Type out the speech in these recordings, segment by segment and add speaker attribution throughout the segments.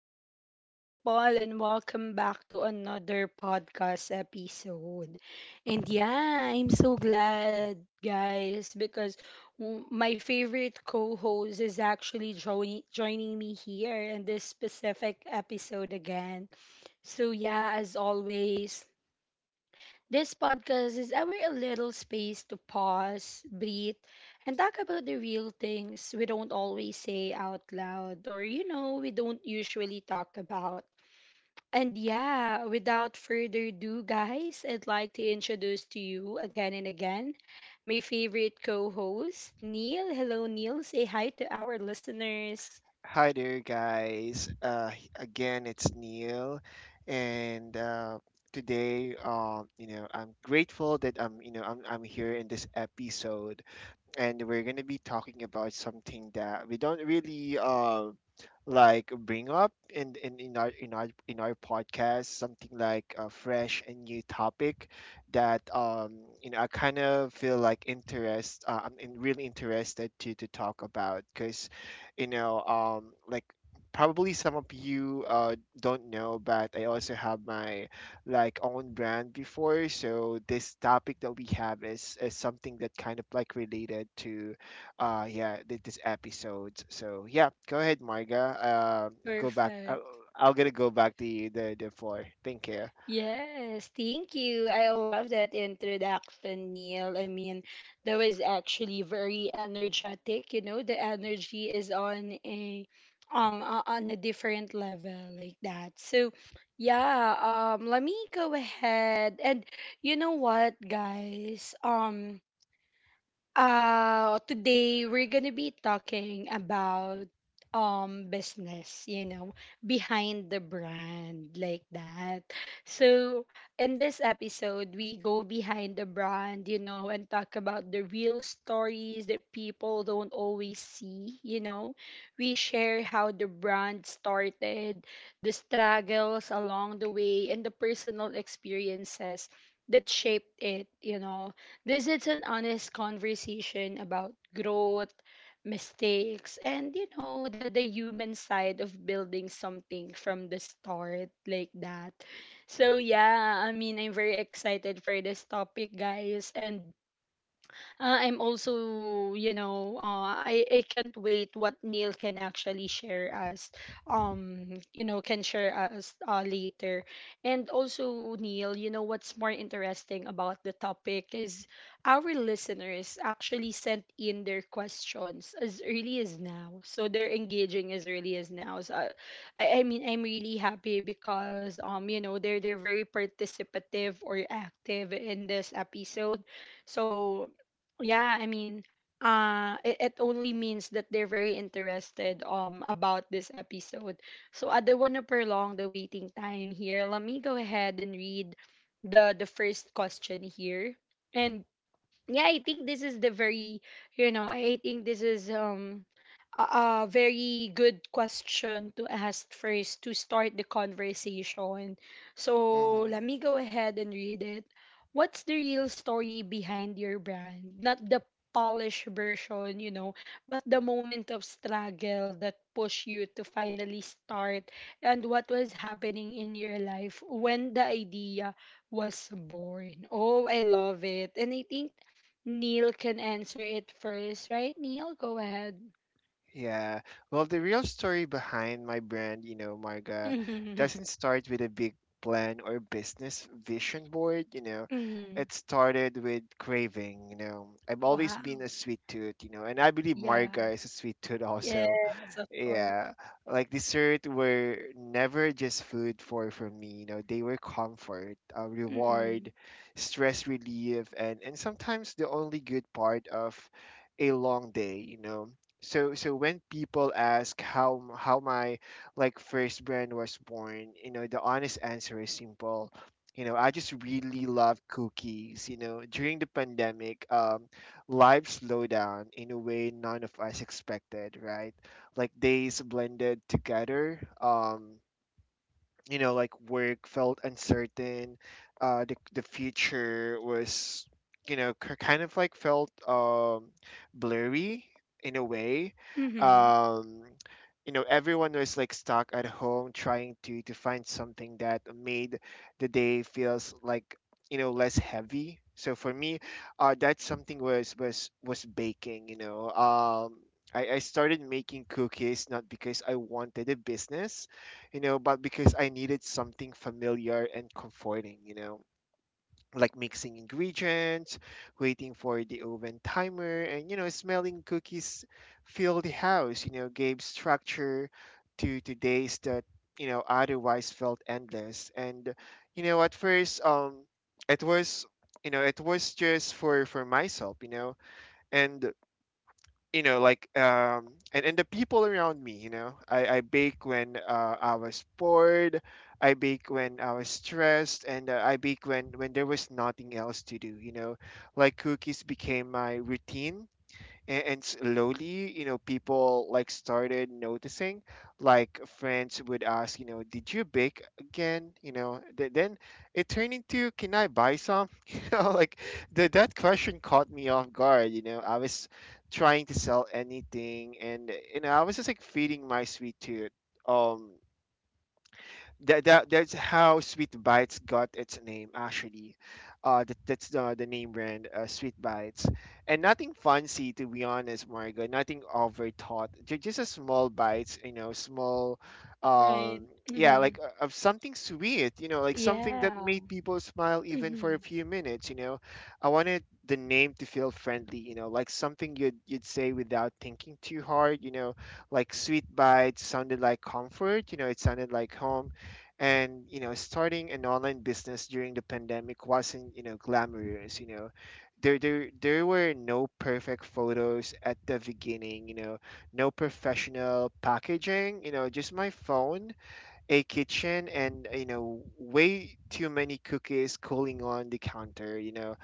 Speaker 1: beautiful people, and welcome back to another podcast episode. And yeah, I'm so glad, guys, because my favorite co host is actually joining me here in this specific episode again. So, yeah, as always, this podcast is our little space to pause, breathe, and talk about the real things we don't always say out loud or we don't usually talk about. And yeah, without further ado, guys, I'd like to introduce to you again and again my favorite co host, Neil. Hello, Neil. Say hi to our listeners.
Speaker 2: Hi there, guys. Again, it's Neil, and today, I'm grateful that I'm, you know, I'm here in this episode, and we're going to be talking about something that we don't really like bring up in, in our podcast. Something like a fresh and new topic that I kind of feel like interest I'm really interested to talk about because you know um like probably some of you don't know, but I also have my like own brand before. So this topic that we have is something that kind of like related to, this episode. So yeah, go ahead, Marga. Go back.
Speaker 1: Perfect.
Speaker 2: I'll gonna go back to you, the floor. Thank you.
Speaker 1: Yes, thank you. I love that introduction, Neil. I mean, that was actually very energetic. You know, the energy is on a different level like that. So, yeah, let me go ahead and you know what, guys? Today we're gonna be talking about business, you know, behind the brand like that. So in this episode, we go behind the brand, you know, and talk about the real stories that people don't always see, you know. We share how the brand started, the struggles along the way, and the personal experiences that shaped it, you know, this is an honest conversation about growth, mistakes, and you know, the human side of building something from the start like that. So, yeah, I mean, I'm very excited for this topic, guys. And I'm also, you know, I can't wait what Neil can actually share us, you know, can share us later. And also, Neil, you know, what's more interesting about the topic is our listeners actually sent in their questions as early as now. So they're engaging as early as now. So I, I mean, I'm really happy because, you know, they're very participative or active in this episode. So yeah, I mean, it only means that they're very interested about this episode. So I don't want to prolong the waiting time here. Let me go ahead and read the first question here. And yeah, I think this is the very, you know, I think this is a very good question to ask first to start the conversation. So
Speaker 2: hmm
Speaker 1: let me go ahead and read it. What's the real story behind your brand, not the polished version, you know, but the moment of struggle that pushed you to finally start, and what was happening in your life when the idea was born? Oh, I love it. And I think Neil can answer it first, right? Neil, go ahead.
Speaker 2: Yeah. Well, the real story behind my brand, you know, Marga,
Speaker 1: Mm-hmm.
Speaker 2: doesn't start with a big plan or business vision board, you know.
Speaker 1: Mm-hmm.
Speaker 2: It started with craving, you know. I've always been
Speaker 1: Wow.
Speaker 2: a sweet tooth, you know, and I believe
Speaker 1: Yeah.
Speaker 2: Marga is a sweet tooth
Speaker 1: Yes,
Speaker 2: also.
Speaker 1: of course.
Speaker 2: Yeah, like dessert were never just food for me. You know, they were comfort,
Speaker 1: Mm-hmm.
Speaker 2: reward, stress relief, and sometimes the only good part of a long day. You know, so when people ask how my like first brand was born, you know, the honest answer is simple. You know, I just really love cookies. You know, during the pandemic, life slowed down in a way none of us expected, right? Like days blended together, you know, like work felt uncertain, the future was, you know, kind of like felt blurry in a way.
Speaker 1: Mm-hmm.
Speaker 2: um you know, everyone was like stuck at home, trying to find something that made the day feels like, you know, less heavy. So for me, that something was baking, you know. I started making cookies not because I wanted a business, you know, but because I needed something familiar and comforting, you know, like mixing ingredients, waiting for the oven timer, and, you know, smelling cookies fill the house, you know, gave structure to, days that, you know, otherwise felt endless. And, you know, at first, it was, you know, it was just for, myself, you know. And you know like um and and the people around me, you know, I bake when I was bored, I bake when I was stressed, and I bake when there was nothing else to do, you know. Like cookies became my routine, and slowly, you know, people like started noticing. Like friends would ask, you know, did you bake again? You know, then it turned into, can I buy some? You know, like that question caught me off guard. You know, I was trying to sell anything, and you know, I was just like feeding my sweet tooth. Um that, that that's how Sweet Bites got its name, actually. That's the name brand, Sweet Bites, and nothing fancy to be honest, Margo. Nothing overthought. Just a small bites, you know, small,
Speaker 1: Right.
Speaker 2: um, yeah,
Speaker 1: Mm-hmm.
Speaker 2: like of something sweet, you know, like something that
Speaker 1: Yeah.
Speaker 2: made people smile even for
Speaker 1: Mm-hmm.
Speaker 2: a few minutes. You know, I wanted the name to feel friendly, you know, like something you'd say without thinking too hard. You know, like sweet bites sounded like comfort, you know, it sounded like home. And you know, starting an online business during the pandemic wasn't, you know, glamorous, you know. There were no perfect photos at the beginning, you know, no professional packaging, you know, just my phone, a kitchen, and you know, way too many cookies cooling on the counter, you know.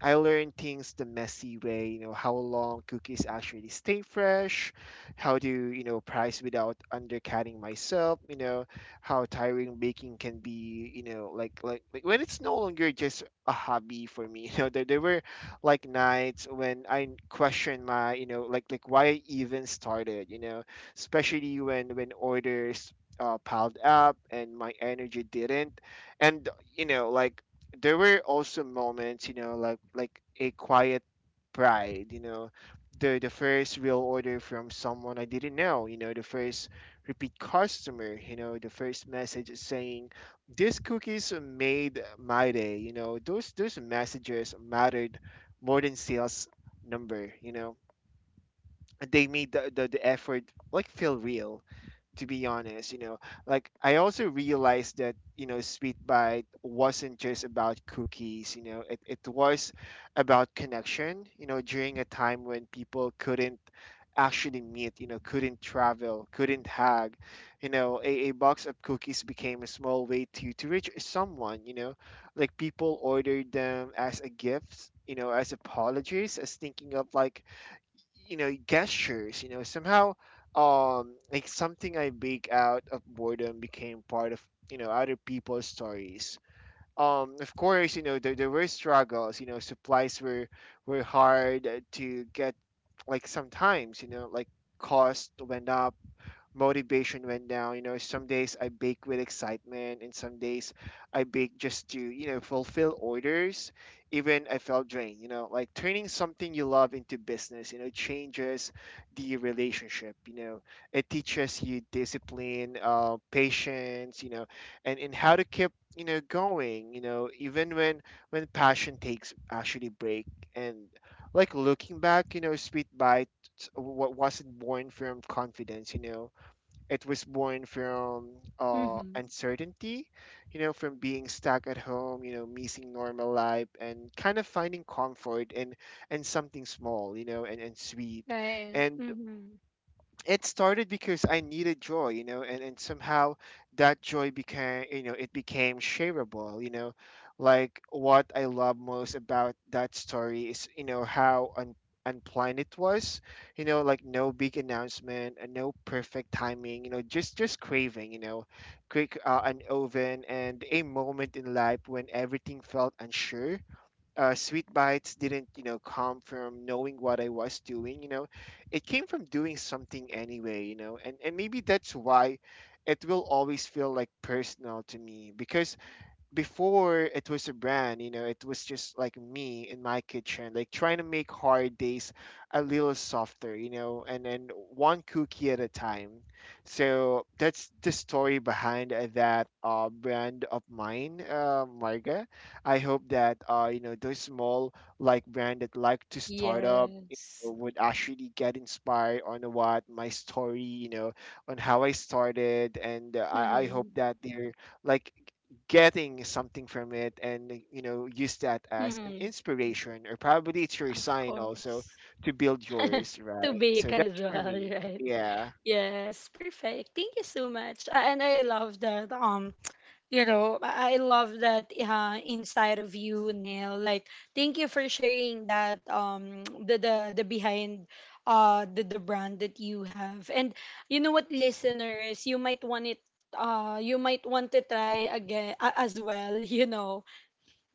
Speaker 2: I learned things the messy way, you know, how long cookies actually stay fresh, how to, you know, price without undercutting myself, you know, how tiring baking can be, you know, like when it's no longer just a hobby for me. You know, there were like nights when I questioned my, you know, like why I even started, you know, especially when orders piled up and my energy didn't. And you know, like there were also moments, you know, like a quiet pride, you know, the first real order from someone I didn't know, you know, the first repeat customer, you know, the first message saying these cookies made my day, you know, those messages mattered more than sales number, you know. They made the effort like feel real, to be honest, you know. Like I also realized that, you know, Sweet Bite wasn't just about cookies, you know, it was about connection, you know, during a time when people couldn't actually meet, you know, couldn't travel, couldn't hug, you know. A box of cookies became a small way to, reach someone, you know, like people ordered them as a gift, you know, as apologies, as thinking of like, you know, gestures. You know, somehow, like something I bake out of boredom became part of, you know, other people's stories. Of course, you know, there were struggles, you know. Supplies were hard to get. Like sometimes, you know, like cost went up, motivation went down. You know, some days I bake with excitement, and some days I bake just to, you know, fulfill orders. Even I felt drained, you know, like turning something you love into business, you know, changes the relationship. You know, it teaches you discipline, patience, you know, and how to keep, you know, going, you know, even when passion takes actually break. And like looking back, you know, Sweet Bite what wasn't born from confidence, you know. It was born from
Speaker 1: Mm-hmm.
Speaker 2: uncertainty, you know, from being stuck at home, you know, missing normal life, and kind of finding comfort and something small, you know, and sweet.
Speaker 1: Right.
Speaker 2: And
Speaker 1: Mm-hmm.
Speaker 2: it started because I needed joy, you know, and somehow that joy became, you know, it became shareable, you know. Like what I love most about that story is, you know, how unplanned it was, you know, like no big announcement and no perfect timing, you know, just craving, you know, quick, an oven, and a moment in life when everything felt unsure. Sweet bites didn't, you know, come from knowing what I was doing, you know. It came from doing something anyway, you know. And maybe that's why it will always feel like personal to me, because before it was a brand, you know, it was just like me in my kitchen, like trying to make hard days a little softer, you know, and then one cookie at a time. So that's the story behind that brand of mine, Marga. I hope that, you know, those small like brand that like to start up, you know,
Speaker 1: Yes.
Speaker 2: would actually get inspired on what my story, you know, on how I started. And I hope
Speaker 1: Mm-hmm.
Speaker 2: that they're like getting something from it, and you know, use that as an
Speaker 1: Mm-hmm.
Speaker 2: inspiration, or probably it's your
Speaker 1: Of
Speaker 2: sign also
Speaker 1: course.
Speaker 2: to build yours,
Speaker 1: To
Speaker 2: right? So
Speaker 1: bake as
Speaker 2: that's for
Speaker 1: well,
Speaker 2: me,
Speaker 1: right?
Speaker 2: yeah.
Speaker 1: Yes, perfect. Thank you so much. And I love that you know, I love that inside of you, Neil, like thank you for sharing that the behind the brand that you have. And you know what, listeners, you might want it, uh, you might want to try again as well, you know,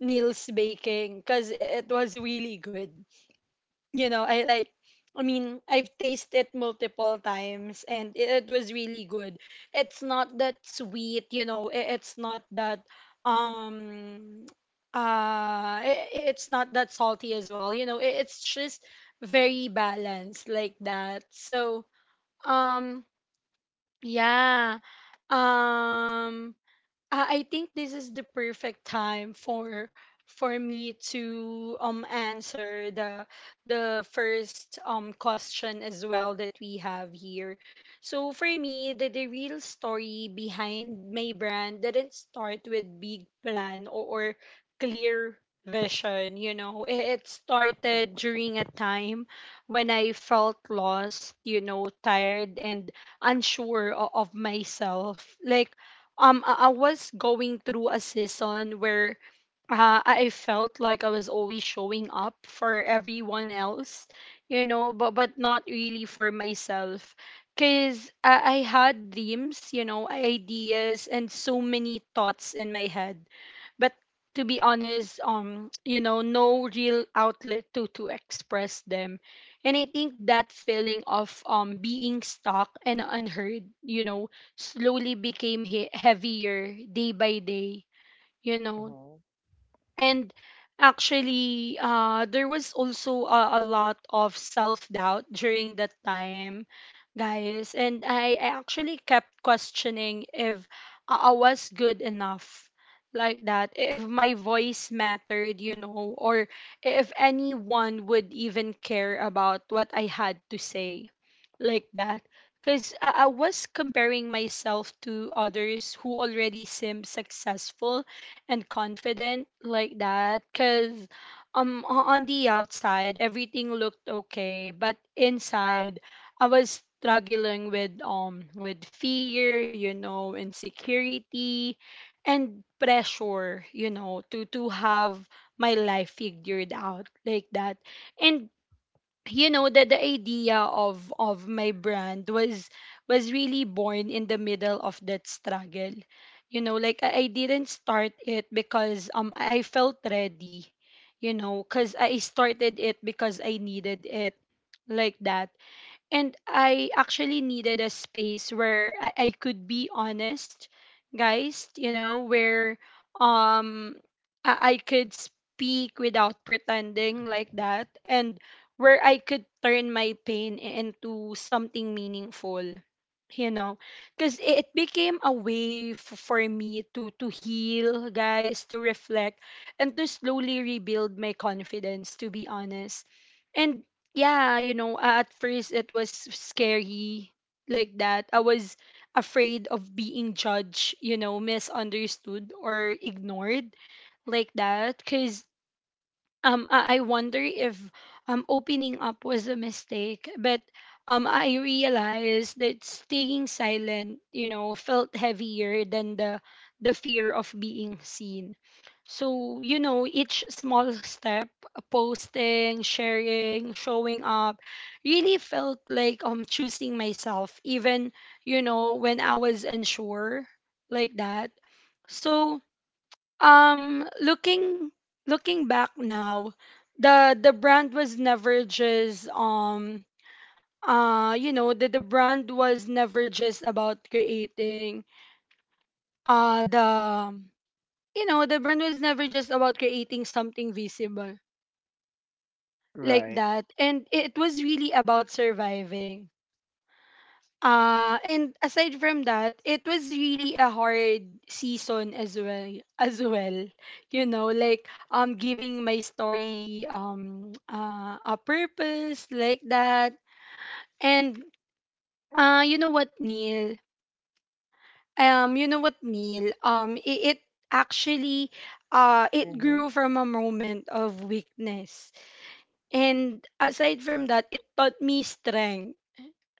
Speaker 1: Neil's baking, because it was really good, you know. I like, I mean, I've tasted it multiple times and it was really good. It's not that sweet, you know, it's not that um it's not that salty as well, you know. It's just very balanced like that. So, um yeah. Um I think this is the perfect time for me to answer the first question as well that we have here. So for me, the real story behind my brand didn't start with big plan, or clear vision, you know. It started during a time when I felt lost, you know, tired and unsure of myself. Like I was going through a season where I felt like I was always showing up for everyone else, you know, but not really for myself. Cause I had dreams, you know, ideas, and so many thoughts in my head, but to be honest you know no real outlet to express them. And I think that feeling of being stuck and unheard, you know, slowly became heavier day by day, you know.
Speaker 2: Mm-hmm.
Speaker 1: And actually, there was also a lot of self doubt during that time, guys. And I actually kept questioning if I was good enough like that, if my voice mattered, you know, or if anyone would even care about what I had to say like that. Because I was comparing myself to others who already seem successful and confident like that. Because on the outside everything looked okay, but inside I was struggling with fear, you know, insecurity, and pressure, you know, to have my life figured out like that. And you know, that the idea of my brand was really born in the middle of that struggle, you know. Like I didn't start it because I felt ready, you know, because I started it because I needed it like that. And I actually needed a space where I could be honest, guys, you know, where um I could speak without pretending like that, and where I could turn my pain into something meaningful, you know, because it became a way for me to heal, guys, to reflect and to slowly rebuild my confidence, to be honest. And yeah, you know, at first it was scary like that. I was afraid of being judged, you know, misunderstood or ignored like that. Cuz I wonder if opening up was a mistake, but I realized that staying silent, you know, felt heavier than the fear of being seen. So, you know, each small step, posting, sharing, showing up, really felt like choosing myself, even, you know, when I was unsure like that. So, um looking looking back now, the brand was never just you know, the brand was never just about creating the you know the brand was never just about creating something visible like
Speaker 2: Right.
Speaker 1: that. And it was really about surviving. And aside from that, it was really a hard season as as well. You know, like giving my story a purpose like that. And uh, you know what, Neil? It, it actually it
Speaker 2: Mm-hmm.
Speaker 1: grew from a moment of weakness. And aside from that, it taught me strength,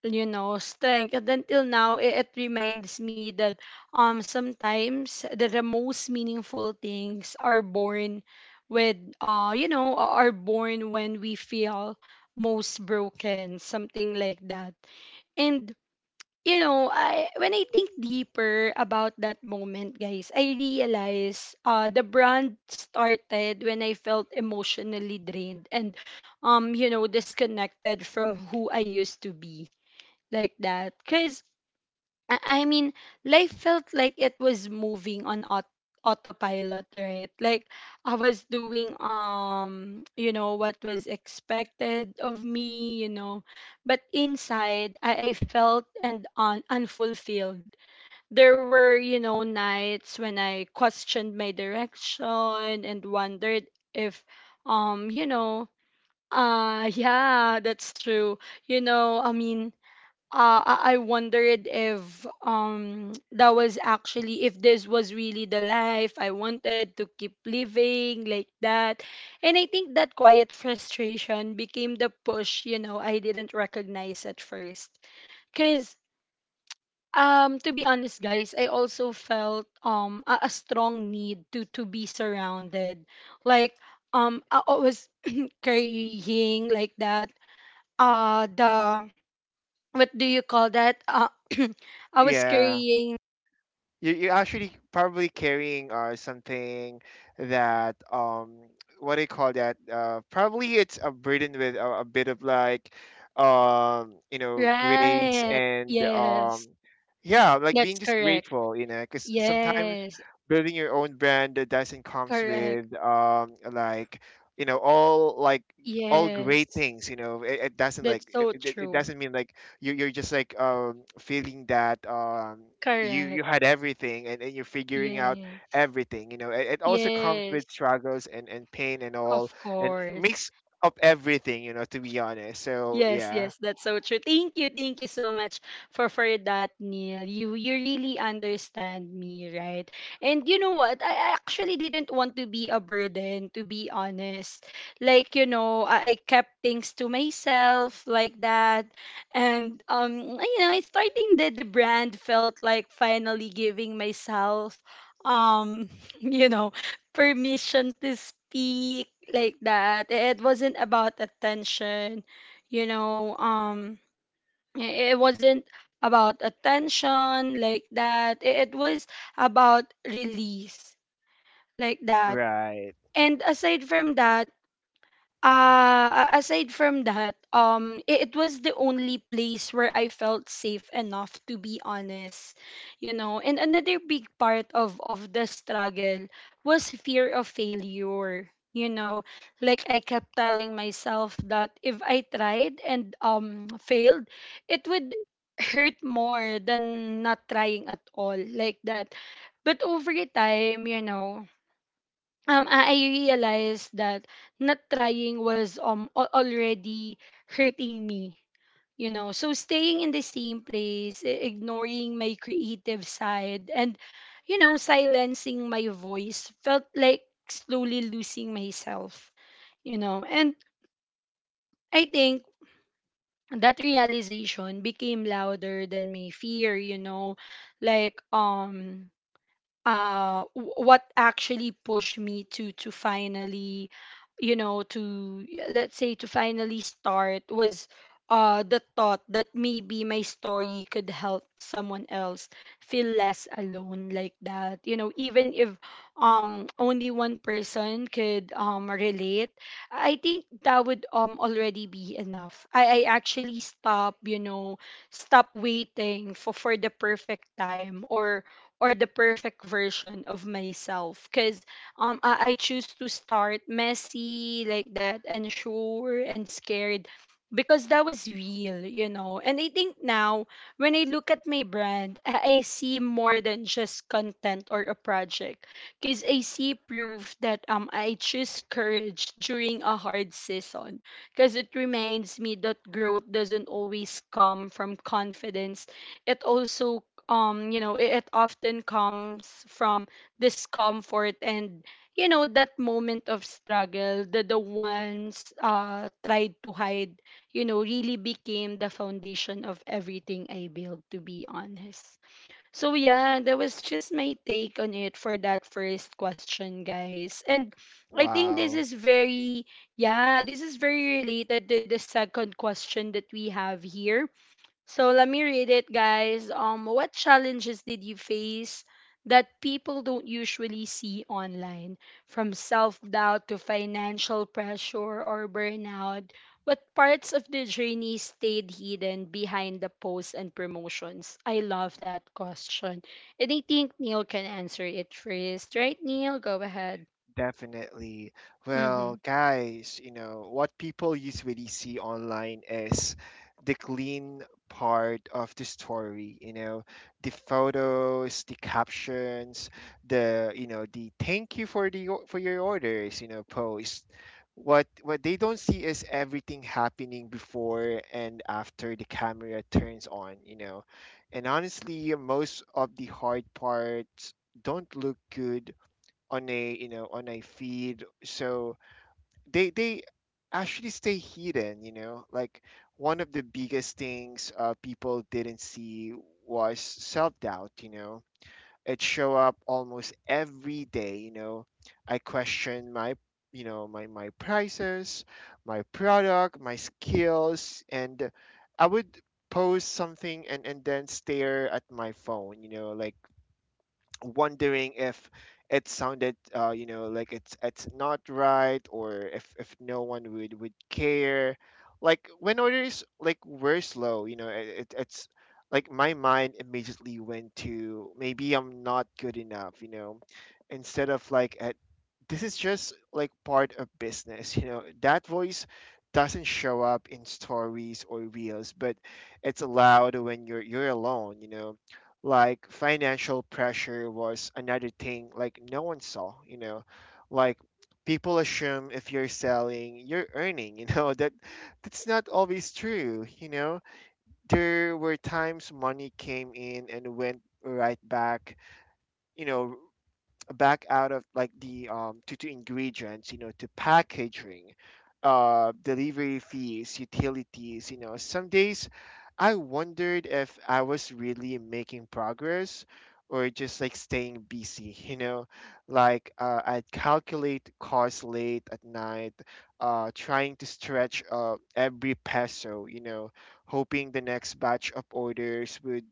Speaker 1: you know, strength. And until now, it reminds me that sometimes the most meaningful things are born with you know are born when we feel most broken, something like that. And you know, I when I think deeper about that moment, guys, I realize uh, the brand started when I felt emotionally drained and you know disconnected from who I used to be like that. Because I mean, life felt like it was moving on autopilot, right? Like I was doing you know what was expected of me, you know, but inside I felt and unfulfilled. There were, you know, nights when I questioned my direction and wondered if um you know yeah, that's true, you know, I mean, I wondered if that was actually if this was really the life I wanted to keep living like that. And I think that quiet frustration became the push, you know, I didn't recognize at first. Cuz to be honest, guys, I also felt a strong need to be surrounded. Like I was carrying like that the what do you call that? I was
Speaker 2: Yeah.
Speaker 1: carrying.
Speaker 2: You're actually probably carrying something that what do you call that? Probably it's a burden with a bit of like, you know, grace,
Speaker 1: Right.
Speaker 2: and
Speaker 1: Yes.
Speaker 2: yeah, like
Speaker 1: That's
Speaker 2: being just
Speaker 1: correct.
Speaker 2: grateful, you know, because sometimes
Speaker 1: Yes.
Speaker 2: building your own brand that doesn't comes
Speaker 1: Correct.
Speaker 2: with, like, you know, all like all great
Speaker 1: Yes.
Speaker 2: things, you know. It doesn't
Speaker 1: That's
Speaker 2: like
Speaker 1: so
Speaker 2: it
Speaker 1: true.
Speaker 2: doesn't mean like you you're just like, feeling that you you
Speaker 1: Correct.
Speaker 2: had everything, and you're figuring out
Speaker 1: Yes.
Speaker 2: everything, you know. It also comes with
Speaker 1: Yes.
Speaker 2: struggles and pain and all,
Speaker 1: Of
Speaker 2: and it
Speaker 1: course.
Speaker 2: makes up everything, you know, to be honest, so
Speaker 1: Yes,
Speaker 2: yeah.
Speaker 1: yes, that's so true. Thank you so much for that, Neil. You really understand me, right? And you know what? I actually didn't want to be a burden, to be honest. Like you know, I kept things to myself like that, and you know, it's starting that the brand felt like finally giving myself, um, you know, permission to speak like that. It wasn't about attention you know um it wasn't about attention like that. It was about release like that.
Speaker 2: Right.
Speaker 1: And aside from that, aside from that, it was the only place where I felt safe enough, to be honest. You know, and another big part of the struggle was fear of failure, you know. Like I kept telling myself that if I tried and failed, it would hurt more than not trying at all like that. But over time, you know, I realized that not trying was already hurting me, you know. So staying in the same place, ignoring my creative side and, you know, silencing my voice felt like slowly losing myself, you know. And I think that realization became louder than my fear, you know. Like what actually pushed me to finally, you know, to let's say to finally start was the thought that maybe my story could help someone else feel less alone like that, you know. Even if, only one person could relate, I think that would already be enough. I actually stop, you know, stop waiting for the perfect time, or the perfect version of myself, because I choose to start messy like that, and sure and scared, because that was real, you know. And I think now when I look at my brand, I see more than just content or a project, because I see proof that I choose courage during a hard season, because it reminds me that growth doesn't always come from confidence. It also, it often comes from discomfort and, you know, that moment of struggle, the ones tried to hide, you know, really became the foundation of everything I built, to be honest. So yeah, that was just my take on it for that first question, guys. And I think this
Speaker 2: Wow.
Speaker 1: is very, yeah, this is very related to the second question that we have here. So let me read it, guys. What challenges did you face that people don't usually see online? From self doubt to financial pressure or burnout, what parts of the journey stayed hidden behind the posts and promotions? I love that question. And I think Neil can answer it first. Right, Neil? Go ahead.
Speaker 2: Definitely.
Speaker 1: Mm-hmm.
Speaker 2: Well, guys, you know, what people usually see online is the clean part of the story, you know, the photos, the captions, you know, the thank you for the for your orders, you know, post. What they don't see is everything happening before and after the camera turns on, you know. And honestly, most of the hard parts don't look good on a on a feed, so they actually stay hidden, like one of the biggest things people didn't see was self-doubt, it show up almost every day. I question my, my prices, my product, my skills, and I would post something and then stare at my phone, like wondering if it sounded, like it's not right, or if no one would care. Like when orders like were slow, it's like my mind immediately went to, maybe I'm not good enough, instead of like at this is just like part of business. That voice doesn't show up in stories or reels, but it's allowed when you're alone, like financial pressure was another thing, like no one saw, like people assume if you're selling, you're earning. That's not always true, there were times money came in and went right back, you know back out of like the, to ingredients, to packaging, uh, delivery fees, utilities. Some days I wondered if I was really making progress or just like staying busy, like I'd calculate costs late at night, uh, trying to stretch uh, every peso, hoping the next batch of orders would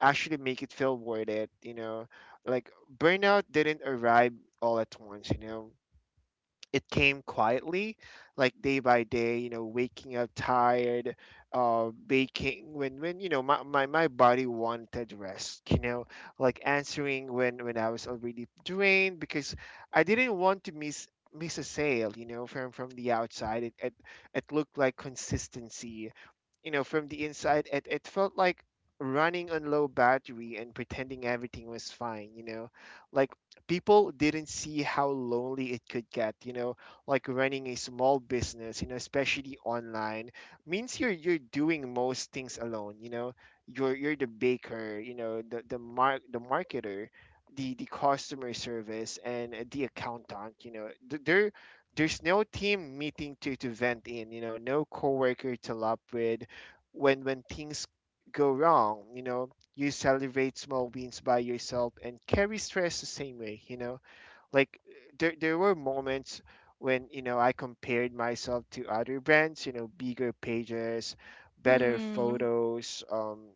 Speaker 2: actually make it feel worth it, like burnout didn't arrive all at once, it came quietly, like day by day, you know, waking up tired, baking when, you know, my body wanted rest, you know, like answering when I was already drained because I didn't want to miss a sale, you know, from the outside. It looked like consistency, you know. From the inside, it felt like running on low battery and pretending everything was fine, you know, like people didn't see how lonely it could get, like running a small business, especially online, means you're doing most things alone, you're the baker, the the marketer, the customer service, and the accountant. There there's no team meeting to vent in, no coworker to lap with when things go wrong, you celebrate small wins by yourself and carry stress the same way, like there were moments when, I compared myself to other brands, bigger pages, better
Speaker 1: Mm-hmm.
Speaker 2: photos,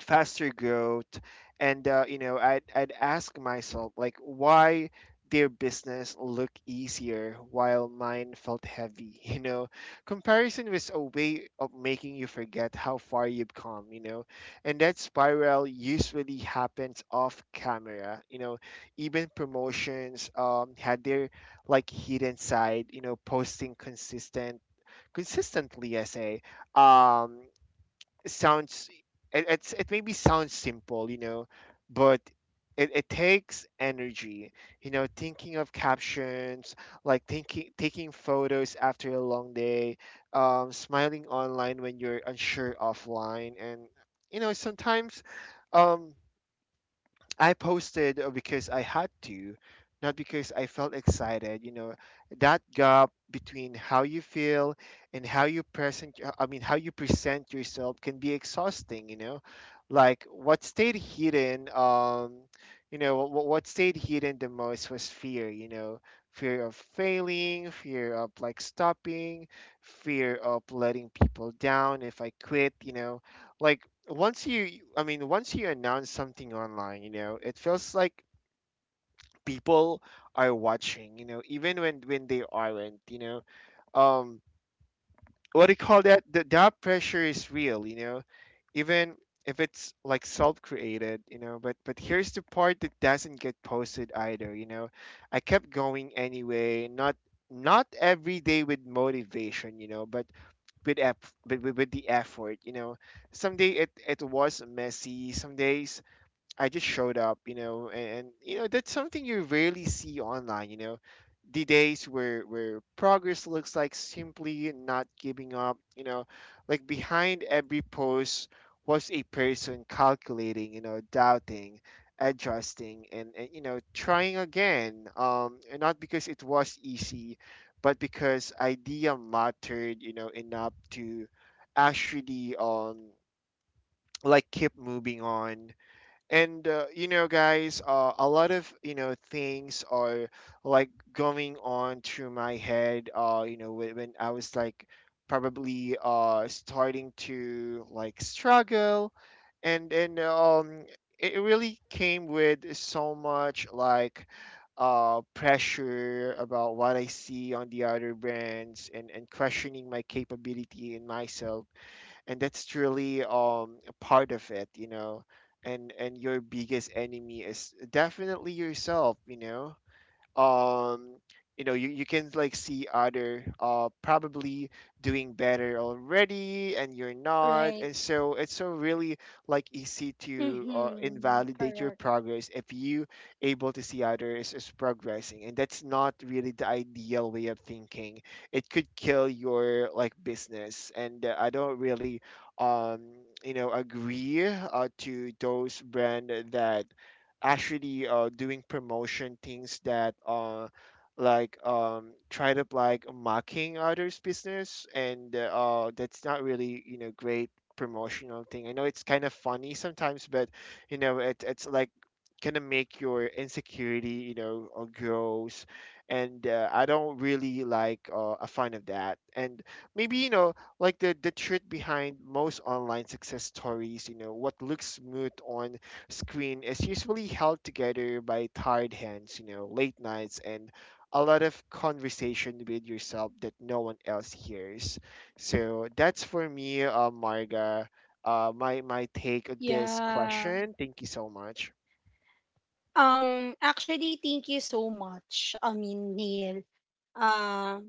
Speaker 2: faster growth. And I'd ask myself like, why their business look easier while mine felt heavy? Comparison was a way of making you forget how far you've come, and that spiral usually happens off camera, even promotions, had their like hidden side, posting consistently, I say, um sounds, it, it's it maybe sounds simple, but it takes energy, thinking of captions, like thinking taking photos after a long day, smiling online when you're unsure offline. And sometimes, um, I posted, because I had to, not because I felt excited. You know, that gap between how you feel and how you present, how you present yourself can be exhausting, you know? Like what stayed hidden, what stayed hidden the most was fear, you know, fear of failing, fear of like stopping, fear of letting people down if I quit, like once you, once you announce something online, it feels like people are watching, even when they aren't, um, what do you call that? The, that pressure is real, even if it's like self-created, but here's the part that doesn't get posted either, I kept going anyway, not every day with motivation, but with the effort, someday it was messy, some days I just showed up, and, that's something you rarely see online, the days where progress looks like simply not giving up, like behind every post was a person calculating, doubting, adjusting, and trying again. Um, and not because it was easy, but because idea mattered, enough to actually um, like keep moving on. And guys, a lot of things are like going on through my head, uh, when I was like probably uh, starting to like struggle, and it it really came with so much like, uh, pressure about what I see on the other brands, and questioning my capability in myself. And that's really um, a part of it, and your biggest enemy is definitely yourself, um, you can like see other, uh, probably doing better already, and you're not.
Speaker 1: Right.
Speaker 2: And so it's so really like easy to,
Speaker 1: Mm-hmm.
Speaker 2: invalidate your
Speaker 1: Correct.
Speaker 2: progress if you able to see others is progressing. And that's not really the ideal way of thinking, it could kill your like business. And I don't really um, agree, to those brand that actually, doing promotion things that, like try to like mocking others' business. And that's not really great promotional thing. I know it's kind of funny sometimes, but it's like kind of make your insecurity, grows. And I don't really like, a fan of that. And maybe like the truth behind most online success stories, what looks smooth on screen is usually held together by tired hands, you know, late nights, and a lot of conversation with yourself that no one else hears. So that's for me, Marga, my take on this
Speaker 1: Yeah.
Speaker 2: question. Thank you so much.
Speaker 1: Actually, thank you so much. I mean, Neil. Uh,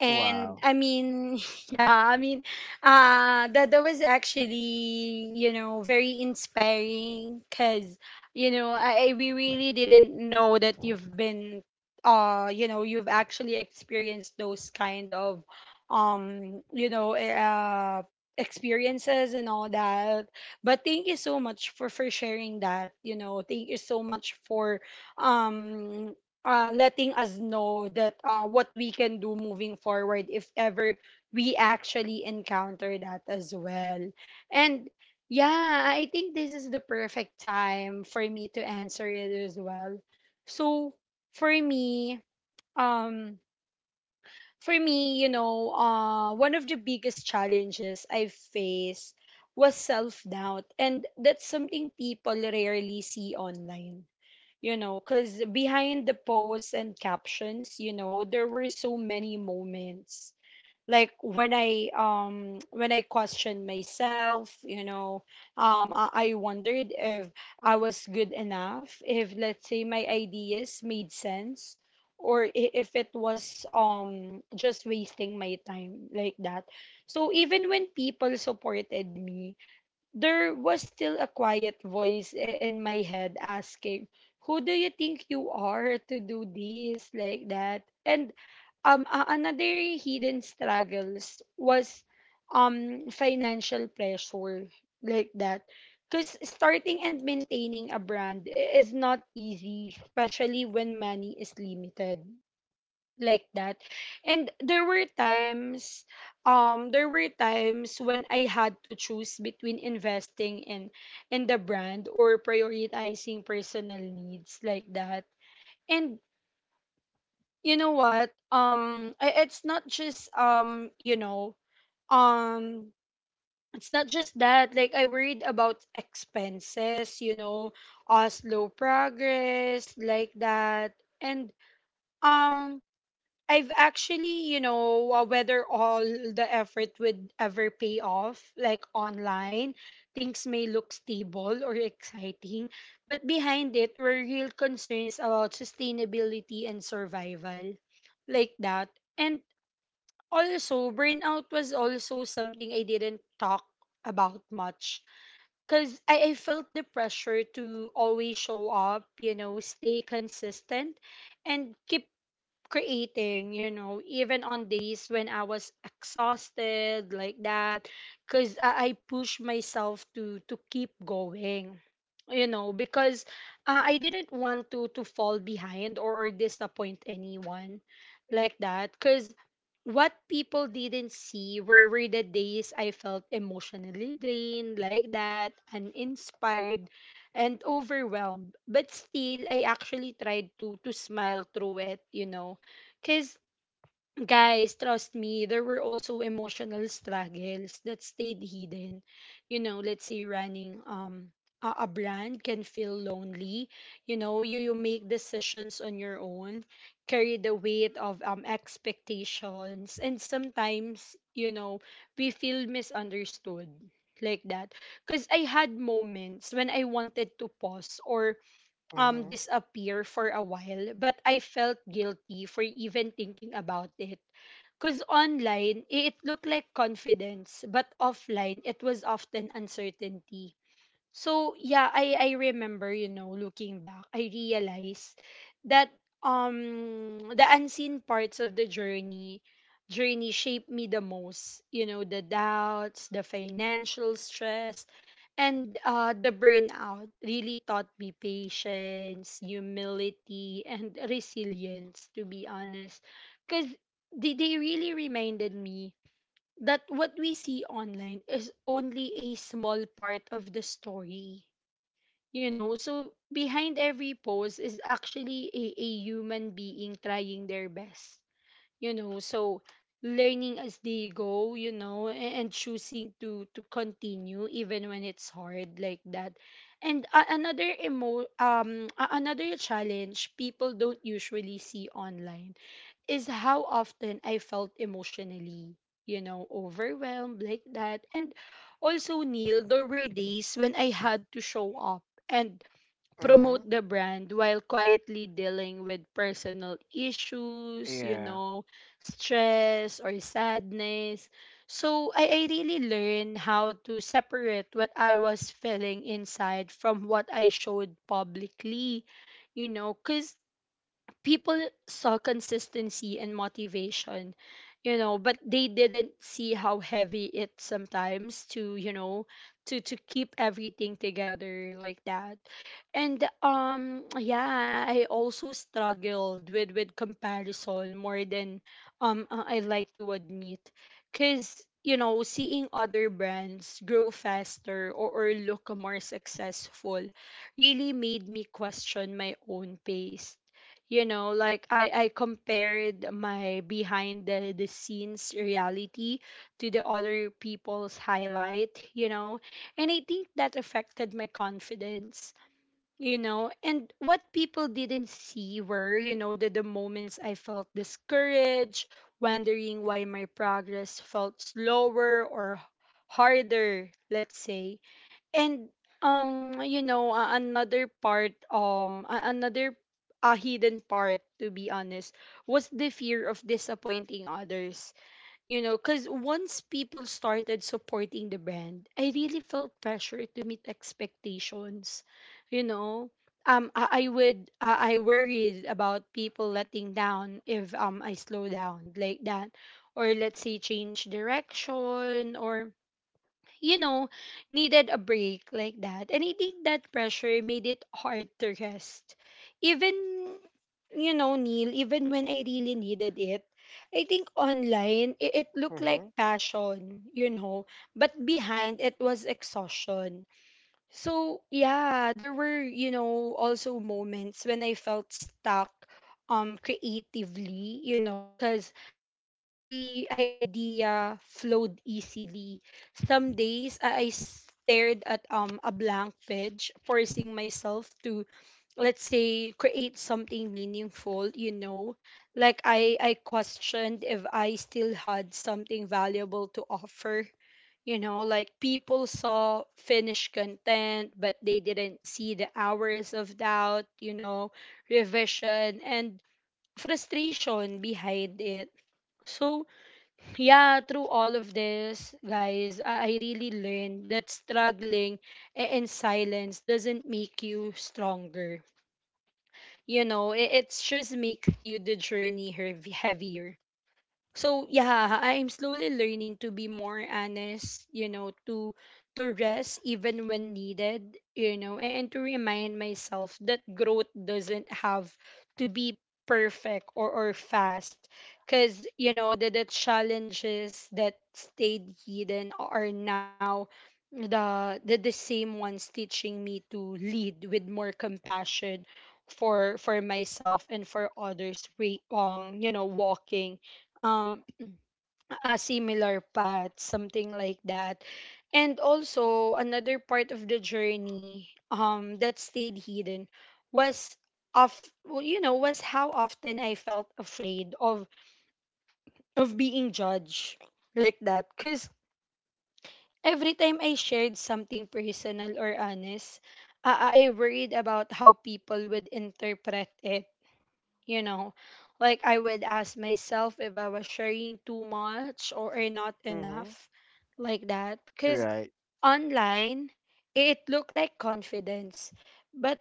Speaker 1: and
Speaker 2: Wow.
Speaker 1: I mean, yeah, I mean, that that was actually, you know, very inspiring because, you know, we really didn't know that you've been you know, you've actually experienced those kind of you know, experiences and all that. But thank you so much for sharing that, you know. Thank you so much for um letting us know that, what we can do moving forward if ever we actually encounter that as well. And yeah, I think this is the perfect time for me to answer it as well. So for me, um, for me, you know, one of the biggest challenges I faced was self doubt, and that's something people rarely see online, you know, because behind the posts and captions, you know, there were so many moments. Like when I questioned myself, you know, I wondered if I was good enough, if let's say my ideas made sense, or if it was just wasting my time like that. So even when people supported me, there was still a quiet voice in my head asking, "Who do you think you are to do this like that?" And another hidden struggles was financial pressure like that. Because starting and maintaining a brand is not easy, especially when money is limited like that. And there were times, when I had to choose between investing in the brand or prioritizing personal needs like that. And you know what, it's not just um it's not just that, like I worried about expenses, you know, slow progress like that. And um I've actually, you know, whether all the effort would ever pay off, like online, things may look stable or exciting, but behind it were real concerns about sustainability and survival, like that. And also, burnout was also something I didn't talk about much because I felt the pressure to always show up, you know, stay consistent and keep creating, you know, even on days when I was exhausted like that, because I push myself to keep going, you know, because, I didn't want to fall behind or disappoint anyone like that, because what people didn't see were the days I felt emotionally drained like that, uninspired, and overwhelmed. But still, I actually tried to smile through it, you know, because, guys, trust me, there were also emotional struggles that stayed hidden. You know, let's say running a brand can feel lonely. You know, you make decisions on your own, carry the weight of expectations, and sometimes, you know, we feel misunderstood like that, because I had moments when I wanted to pause or
Speaker 2: Mm-hmm.
Speaker 1: disappear for a while, but I felt guilty for even thinking about it, because online it looked like confidence, but offline it was often uncertainty. So yeah, I remember, you know, looking back, I realized that the unseen parts of the journey shaped me the most. You know, the doubts, the financial stress, and the burnout really taught me patience, humility, and resilience, to be honest. Cause they really reminded me that what we see online is only a small part of the story. You know, so behind every pose is actually a human being trying their best. You know, so learning as they go, you know, and choosing to continue even when it's hard like that. And a another emo a- another challenge people don't usually see online is how often I felt emotionally, you know, overwhelmed like that. And also, Neil, there were days when I had to show up and
Speaker 2: Mm-hmm.
Speaker 1: promote the brand while quietly dealing with personal issues, you
Speaker 2: Yeah.
Speaker 1: know, stress or sadness. So I really learned how to separate what I was feeling inside from what I showed publicly, you know, because people saw consistency and motivation, you know, but they didn't see how heavy it sometimes to, you know, to keep everything together like that. And yeah, I also struggled with comparison more than I like to admit, cuz you know, seeing other brands grow faster or look more successful really made me question my own pace, you know. Like I compared my behind the scenes reality to the other people's highlight, you know. And I think that affected my confidence, you know. And what people didn't see were, you know, the moments I felt discouraged, wondering why my progress felt slower or harder, let's say. And you know, another, a hidden part, to be honest, was the fear of disappointing others, you know, because once people started supporting the brand, I really felt pressure to meet expectations, you know. I would I worried about people letting down if I slow down like that, or let's say change direction, or, you know, needed a break like that. And I think that pressure made it hard to rest. Even, you know, Neil, even when I really needed it, I think online, it looked
Speaker 2: Mm-hmm.
Speaker 1: like passion, you know, but behind it was exhaustion. So yeah, there were, you know, also moments when I felt stuck creatively, you know, cuz not every idea flowed easily. Some days I stared at a blank page, forcing myself to let's say create something meaningful, you know. Like I questioned if I still had something valuable to offer, you know. Like people saw finished content, but they didn't see the hours of doubt, you know, revision and frustration behind it. So yeah, through all of this, guys, I really learned that struggling in silence doesn't make you stronger, you know. It just makes you the journey heavier. So yeah, I'm slowly learning to be more honest, you know, to rest even when needed, you know, and to remind myself that growth doesn't have to be perfect or fast. Cause, you know, the challenges that stayed hidden are now the same ones teaching me to lead with more compassion for myself and for others, walking um a similar path, something like that. And also another part of the journey that stayed hidden was, of well, was how often I felt afraid of being judged, like that, cuz every time I shared something personal or honest, I worried about how people would interpret it you know like I would ask myself if I was sharing too much or, not
Speaker 2: Mm-hmm.
Speaker 1: enough, like that, because
Speaker 2: Right.
Speaker 1: online it looked like confidence, but,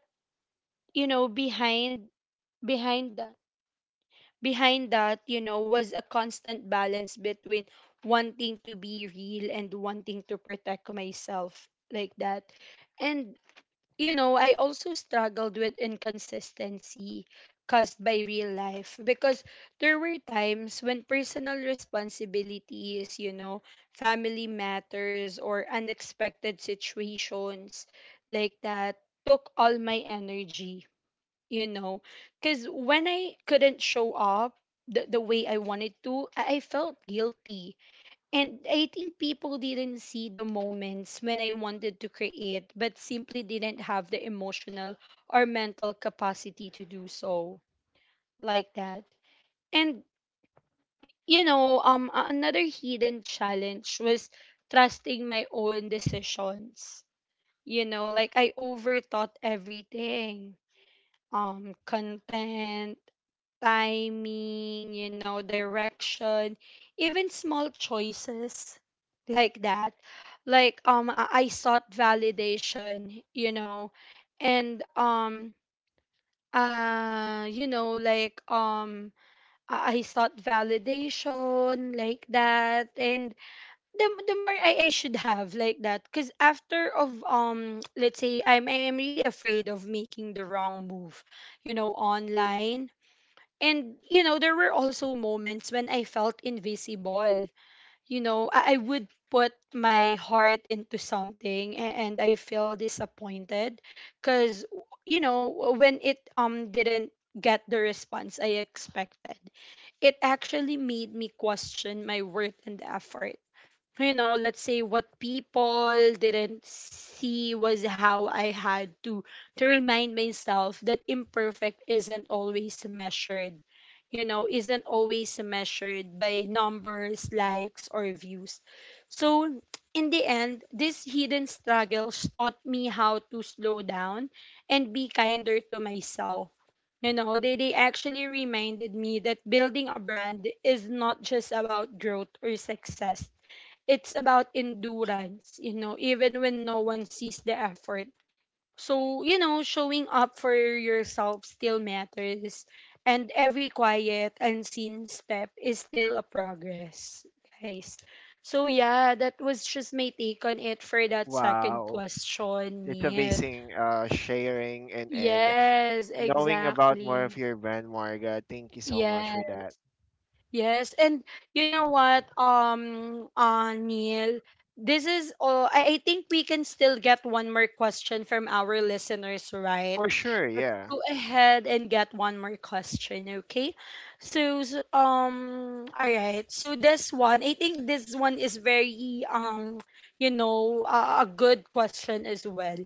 Speaker 1: you know behind behind that behind that, was a constant balance between wanting to be real and wanting to protect myself, like that. And, I also struggled with inconsistency caused by real life, because there were times when personal responsibilities, family matters or unexpected situations, like that, took all my energy, you know, because when I couldn't show up the way I wanted to, I felt guilty. And I think people didn't see the moments when I wanted to create, but simply didn't have the emotional or mental capacity to do so, like that. And, another hidden challenge was trusting my own decisions. Like I overthought everything. Content, timing, direction, even small choices, like that. Like I sought validation, and like I sought validation, like that. And the more I should have, like that, because after, of let's say, I'm really afraid of making the wrong move, online. And, there were also moments when I felt invisible. I would put my heart into something and I feel disappointed because, when it didn't get the response I expected, it actually made me question my worth and effort. Let's say, what people didn't see was how I had to remind myself that imperfect isn't always measured, isn't always measured by numbers, likes, or views. So in the end, these hidden struggles taught me how to slow down and be kinder to myself. They actually reminded me that building a brand is not just about growth or success, it's about endurance, even when no one sees the effort. So, showing up for yourself still matters. And every quiet, unseen step is still a progress, guys. So, yeah, that was just my take on it for that second
Speaker 2: Wow.
Speaker 1: question,
Speaker 2: It's
Speaker 1: Neil.
Speaker 2: amazing, sharing and
Speaker 1: Yes,
Speaker 2: knowing about more of
Speaker 1: exactly.
Speaker 2: your brand, Marga. Thank you so much for
Speaker 1: Yes.
Speaker 2: that.
Speaker 1: Yes, and you know what, Neil, this is all. I think we can still get one more question from our listeners, right?
Speaker 2: For sure,
Speaker 1: Let's
Speaker 2: yeah.
Speaker 1: go ahead and get one more question, okay? So, all right. So this one, I think this one is very, a good question as well.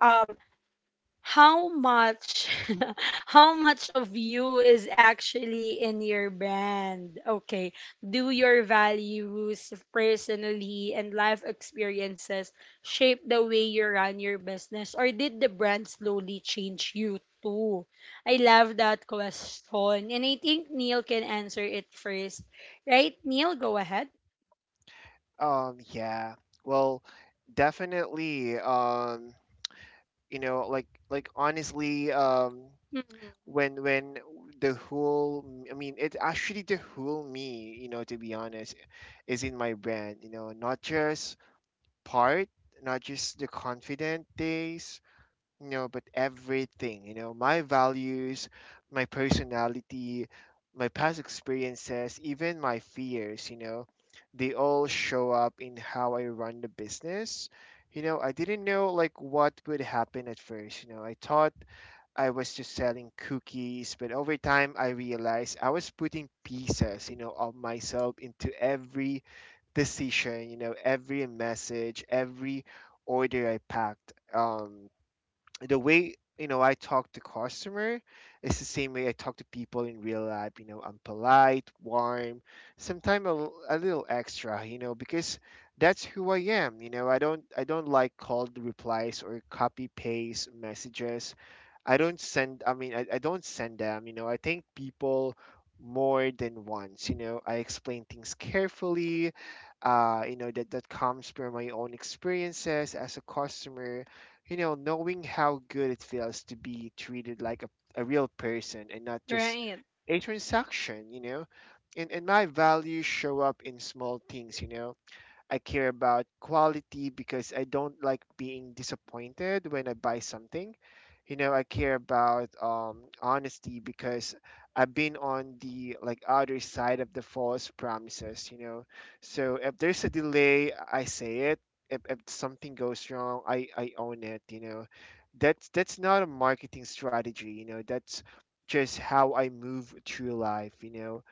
Speaker 1: Um, how much how much of you is actually in your brand? Okay, do your values, personally, and life experiences shape the way you run your business, or did the brand slowly change you too? I love that question, and I think Neil can answer it first. Right, Neil? Go ahead.
Speaker 2: Yeah. Well, definitely. You know, like honestly,
Speaker 1: Hmm.
Speaker 2: when the whole, I mean, it's actually the whole me. You know, to be honest, is in my brand. You know, not just part, not just the confident days, you know, but everything, you know, my values, my personality, my past experiences, even my fears, you know, they all show up in how I run the business. You know, I didn't know like what would happen at first. You know, I thought I was just selling cookies, but over time I realized I was putting pieces, you know, of myself into every decision, you know, every message, every order I packed. The way I talk to customer is the same way I talk to people in real life. You know, I'm polite, warm, sometimes a little extra. You know, because that's who I am. You know, I don't like cold replies or copy paste messages. I don't send them, you know, I thank people more than once, you know, I explain things carefully, you know, that comes from my own experiences as a customer, you know, knowing how good it feels to be treated like a real person and not just
Speaker 1: Right.
Speaker 2: a transaction, you know. And my values show up in small things, you know, I care about quality because I don't like being disappointed when I buy something. You know, I care about, honesty because I've been on the like other side of the false promises. You know, so if there's a delay, I say it. If something goes wrong, I own it. You know, that's not a marketing strategy. You know, that's just how I move through life. You know,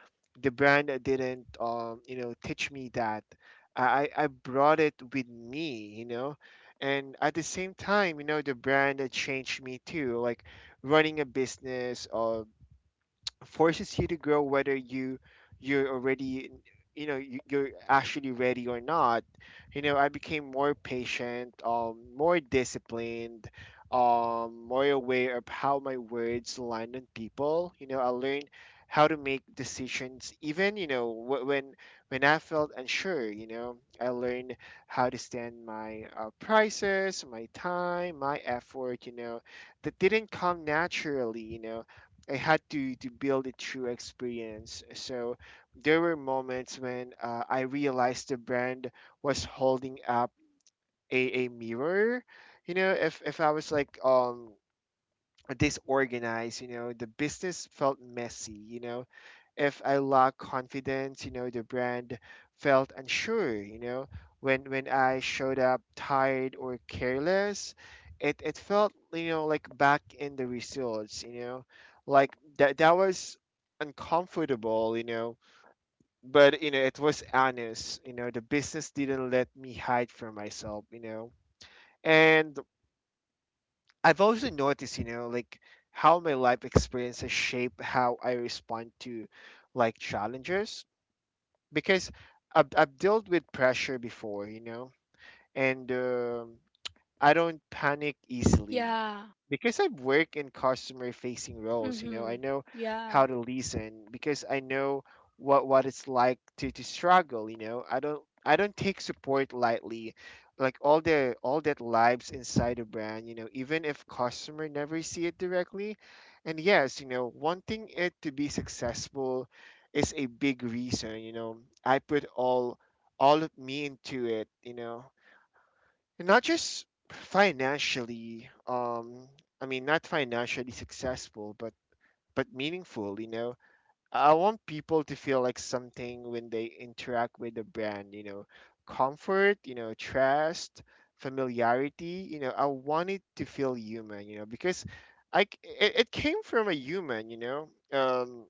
Speaker 2: the brand didn't teach me that, I I brought it with me, you know. And at the same time, you know, the brand that changed me too, like running a business or forces you to grow whether you're already, you're actually ready or not. I became more patient, um, more disciplined, um, more aware of how my words land on people. I learned how to make decisions even, when I felt unsure, I learned how to stand my, prices, my time, my effort, that didn't come naturally, I had to build it through experience. So there were moments when, I realized the brand was holding up a mirror. If I was like disorganized, the business felt messy. If I lack confidence, the brand felt unsure. When I showed up tired or careless, it felt, like back in the results. Like that was uncomfortable, but it was honest. The business didn't let me hide from myself. And I've also noticed, like how my life experiences shape how I respond to, like, challenges, because I've dealt with pressure before, and I don't panic easily
Speaker 1: Yeah.
Speaker 2: because I've worked in customer facing roles. I
Speaker 1: Mm-hmm.
Speaker 2: know
Speaker 1: Yeah.
Speaker 2: how to listen, because I know what it's like to struggle. I don't take support lightly. Like all that lives inside a brand. Even if customer never see it directly, and yes, wanting it to be successful is a big reason. I put all of me into it. Not just financially, I mean, not financially successful, but meaningful. I want people to feel like something when they interact with the brand: comfort, trust, familiarity. I want it to feel human, because it came from a human.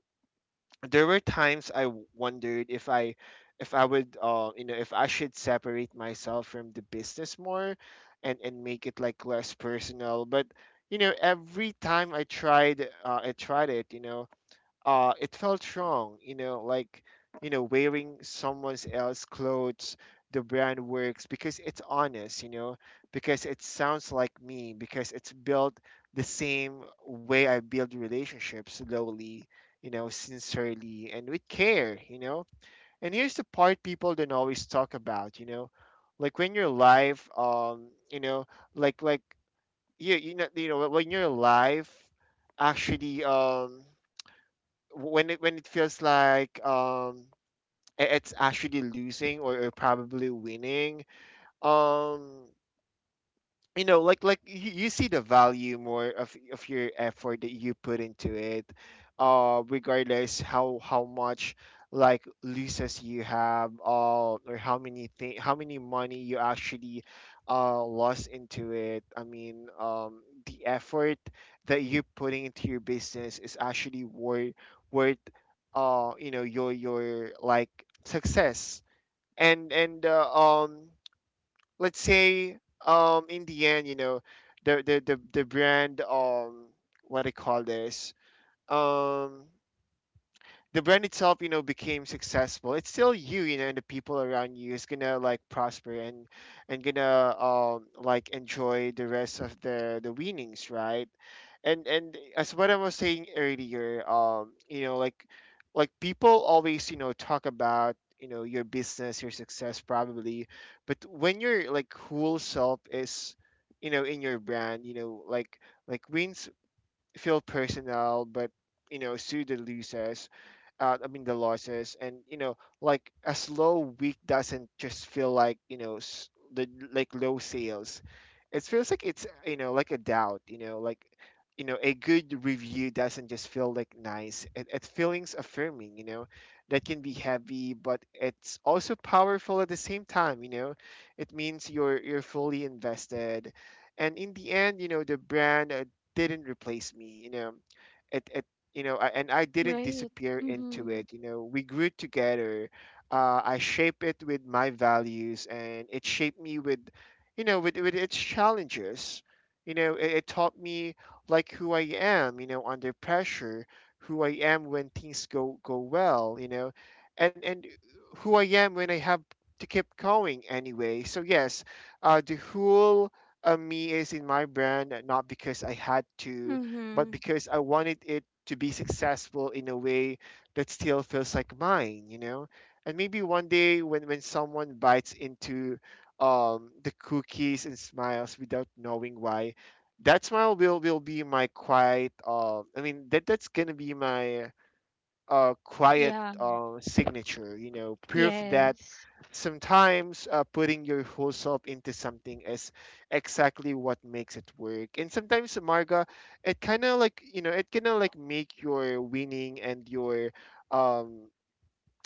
Speaker 2: There were times wondered if I would if I should separate myself from the business more, and make it, like, less personal. But every time I tried it, it felt wrong, like, wearing someone else's clothes. The brand works because it's honest, because it sounds like me, because it's built the same way I build relationships: slowly, sincerely, and with care. And here's the part people don't always talk about, like when you're live, like you know when you're live, actually. When it feels like, it's actually losing, or probably winning. um like you see the value more of your effort that you put into it, regardless how much, like, leases you have, or how many money you actually lost into it. I mean, the effort that you're putting into your business is actually worth, worth your like, success. And um let's say, in the end, the brand, what do you call this, um the brand itself, became successful, it's still you, and the people around you is gonna, like, prosper, and gonna, like, enjoy the rest of the winnings, right? And as what I was saying earlier, like people always, talk about, your business, your success, probably, but when your, like, whole self is, in your brand, like wins feel personal, but soothe the losers. I mean, the losses. And like, a slow week doesn't just feel like, the, like, low sales. It feels like it's, like, a doubt. Like, a good review doesn't just feel like nice. It feelings affirming. That can be heavy, but it's also powerful at the same time. It means you're fully invested. And in the end, the brand, didn't replace me it, it you know I, And I didn't
Speaker 1: Right.
Speaker 2: disappear into
Speaker 1: Mm-hmm.
Speaker 2: it. We grew together. I shaped it with my values, and it shaped me with, with, its challenges. It taught me, like, who I am, under pressure, who I am when things go well, and who I am when I have to keep going anyway, so yes, the whole a me is in my brand, not because I had to, but because I wanted it to be successful in a way that still feels like mine. And maybe one day, when someone bites into, the cookies and smiles without knowing why, that smile will be my quiet. I mean, that's gonna be my quiet
Speaker 1: Yeah.
Speaker 2: signature, proof that
Speaker 1: Yes.
Speaker 2: sometimes, putting your whole self into something is exactly what makes it work. And sometimes, Marga, it kind of like make your winning and your, um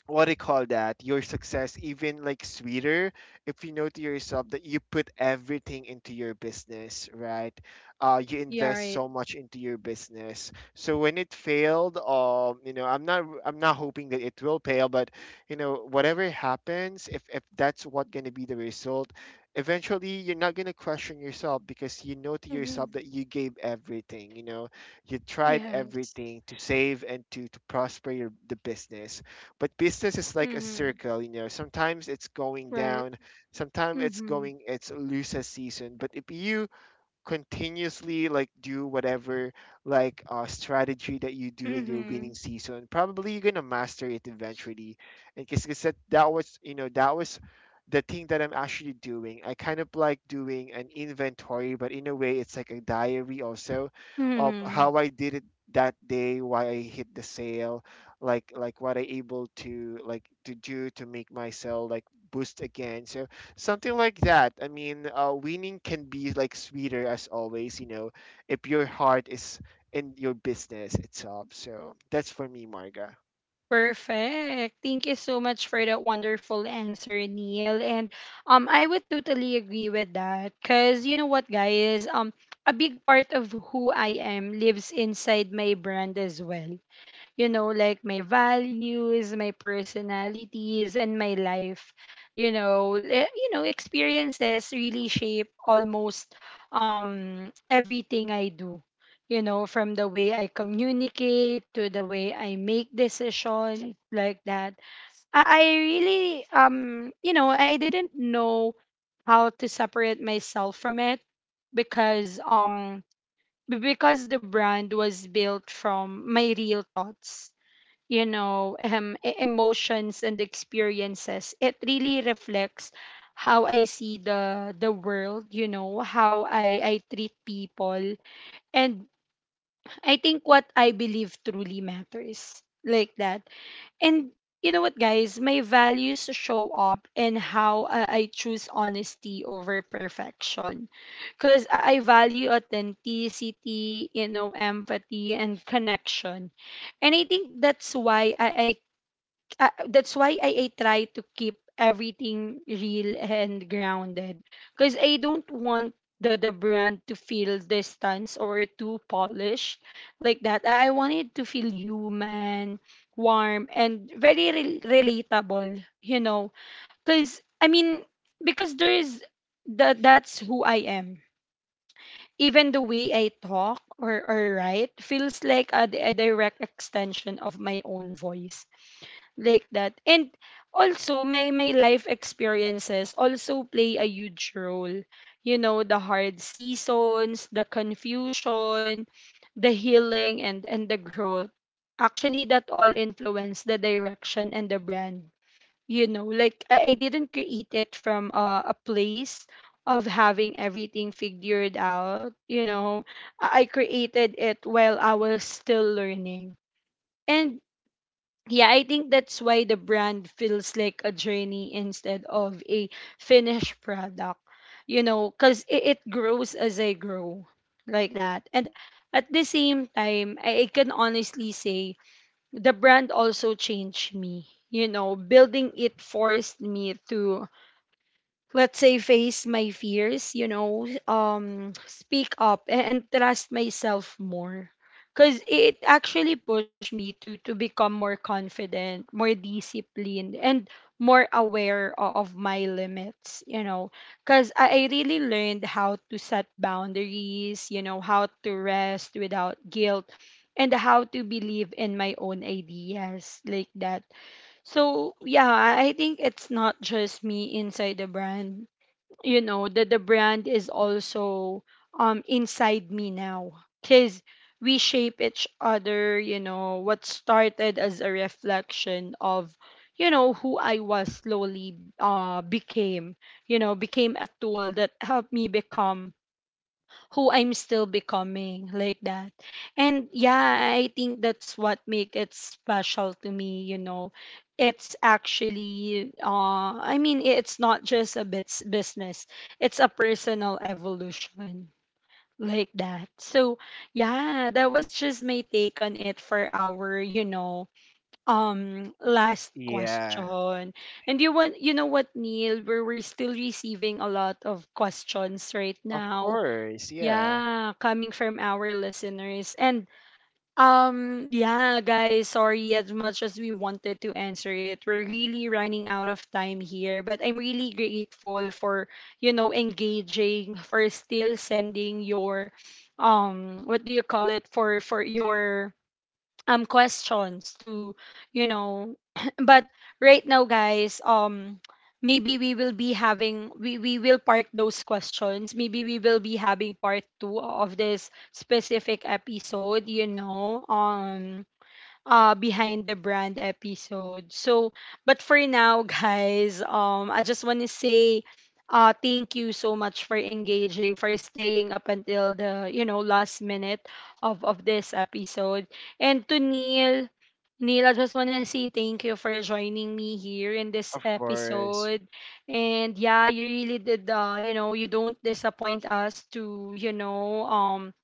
Speaker 2: what do you call that, your success even, like, sweeter, if you know to yourself that you put everything into your business, right? You
Speaker 1: Yeah.
Speaker 2: invest
Speaker 1: Right.
Speaker 2: so much into your business, so when it failed, I'm not hoping that it will fail, but whatever happens, if that's what going to be the result, eventually you're not going to question yourself, because you know to
Speaker 1: Mm-hmm.
Speaker 2: yourself that you gave everything, you know. You tried
Speaker 1: Yes.
Speaker 2: everything to save and to prosper your the business, but business is like a
Speaker 1: Mm-hmm.
Speaker 2: circle. Sometimes it's going
Speaker 1: Right.
Speaker 2: down, sometimes
Speaker 1: Mm-hmm.
Speaker 2: it's lose a season. But if you continuously, like, do whatever strategy that you do in your
Speaker 1: Mm-hmm.
Speaker 2: winning season, probably you're gonna master it eventually. And because that was the thing that I'm actually doing. I kind of like doing an inventory, but in a way it's like a diary also, of
Speaker 1: Hmm.
Speaker 2: how I did it that day, why I hit the sale, like what I able to, like, to do to make myself, like, boost again. So something like that. I mean, winning can be like sweeter as always, if your heart is in your business itself. So that's for me, Marga.
Speaker 1: Perfect. Thank you so much for that wonderful answer, Neil. And, I would totally agree with that. Cause you know what, guys? A big part of who I am lives inside my brand as well. You know, like my values, my personalities, and my life. You know, Eh, you know, experiences really shape almost everything I do. You know, from the way I communicate to the way I make decisions, like that. I really I didn't know how to separate myself from it, because, because the brand was built from my real thoughts, emotions and experiences. It really reflects how I see the world, how I treat people, and I think what I believe truly matters, like that. And you know what, guys, my values show up in how, I choose honesty over perfection, because I value authenticity, empathy and connection. And I think that's why, I that's why I try to keep everything real and grounded, because I don't want the brand to feel distance or too polished, like that. I want it to feel human, warm, and very relatable. You know, because, I mean, because there is, that's who I am. Even the way I talk, or write feels like a direct extension of my own voice, like that. And also my life experiences also play a huge role. You know, the hard seasons, the confusion, the healing, and the growth. Actually, that all influence the direction and the brand. You know, like I didn't create it from a place of having everything figured out. I created it while I was still learning. And yeah, I think that's why the brand feels like a journey instead of a finished product, because it grows as I grow, like that. And at the same time, I can honestly say the brand also changed me, building it forced me to, let's say, face my fears, speak up and trust myself more, because it actually pushed me to become more confident, more disciplined, and more aware of my limits. Because I really learned how to set boundaries, how to rest without guilt, and how to believe in my own ideas, like that. So yeah, I think it's not just me inside the brand, that the brand is also inside me now, because we shape each other. You know, what started as a reflection of, who I was slowly became you know became a tool that helped me become who I'm still becoming, like that. And yeah, I think that's what make it special to me. It's actually, I mean, it's not just a bits business. It's a personal evolution, like that. So, yeah, that was just my take on it for our, last
Speaker 2: Yeah,
Speaker 1: question. And you know what, Neil, we're still receiving a lot of questions right
Speaker 2: of
Speaker 1: now,
Speaker 2: course. Yeah,
Speaker 1: yeah, coming from our listeners. And yeah, guys, sorry, as much as we wanted to answer it, we're really running out of time here, but I'm really grateful for, engaging, for still sending your what do you call it, for your questions to, you know but right now, guys, maybe we will park those questions. Maybe we will be having part two of this specific episode, behind the brand episode. So, but for now, guys, I just want to say, thank you so much for engaging, for staying up until the, last minute of this episode. And to Neil, Neil, I just want to say thank you for joining me here in this
Speaker 2: of course.
Speaker 1: episode. And yeah, you really did, you don't disappoint us to,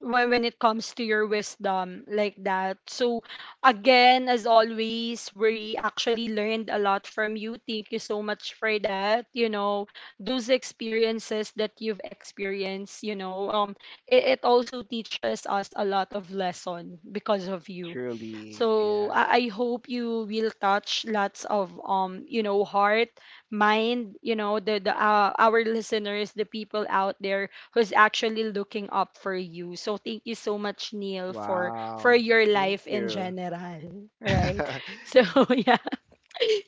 Speaker 1: when it comes to your wisdom, like that. So again, as always, we actually learned a lot from you. Thank you so much for that. You know, those experiences that you've experienced, it also teaches us a lot of lesson because of you.
Speaker 2: Truly.
Speaker 1: So
Speaker 2: Yeah.
Speaker 1: I hope you will touch lots of, heart, mind, the our listeners, the people out there who's actually looking up for you. So thank you so much, Neil, for
Speaker 2: Wow.
Speaker 1: your
Speaker 2: Thank
Speaker 1: life in
Speaker 2: you.
Speaker 1: general. Right. So yeah.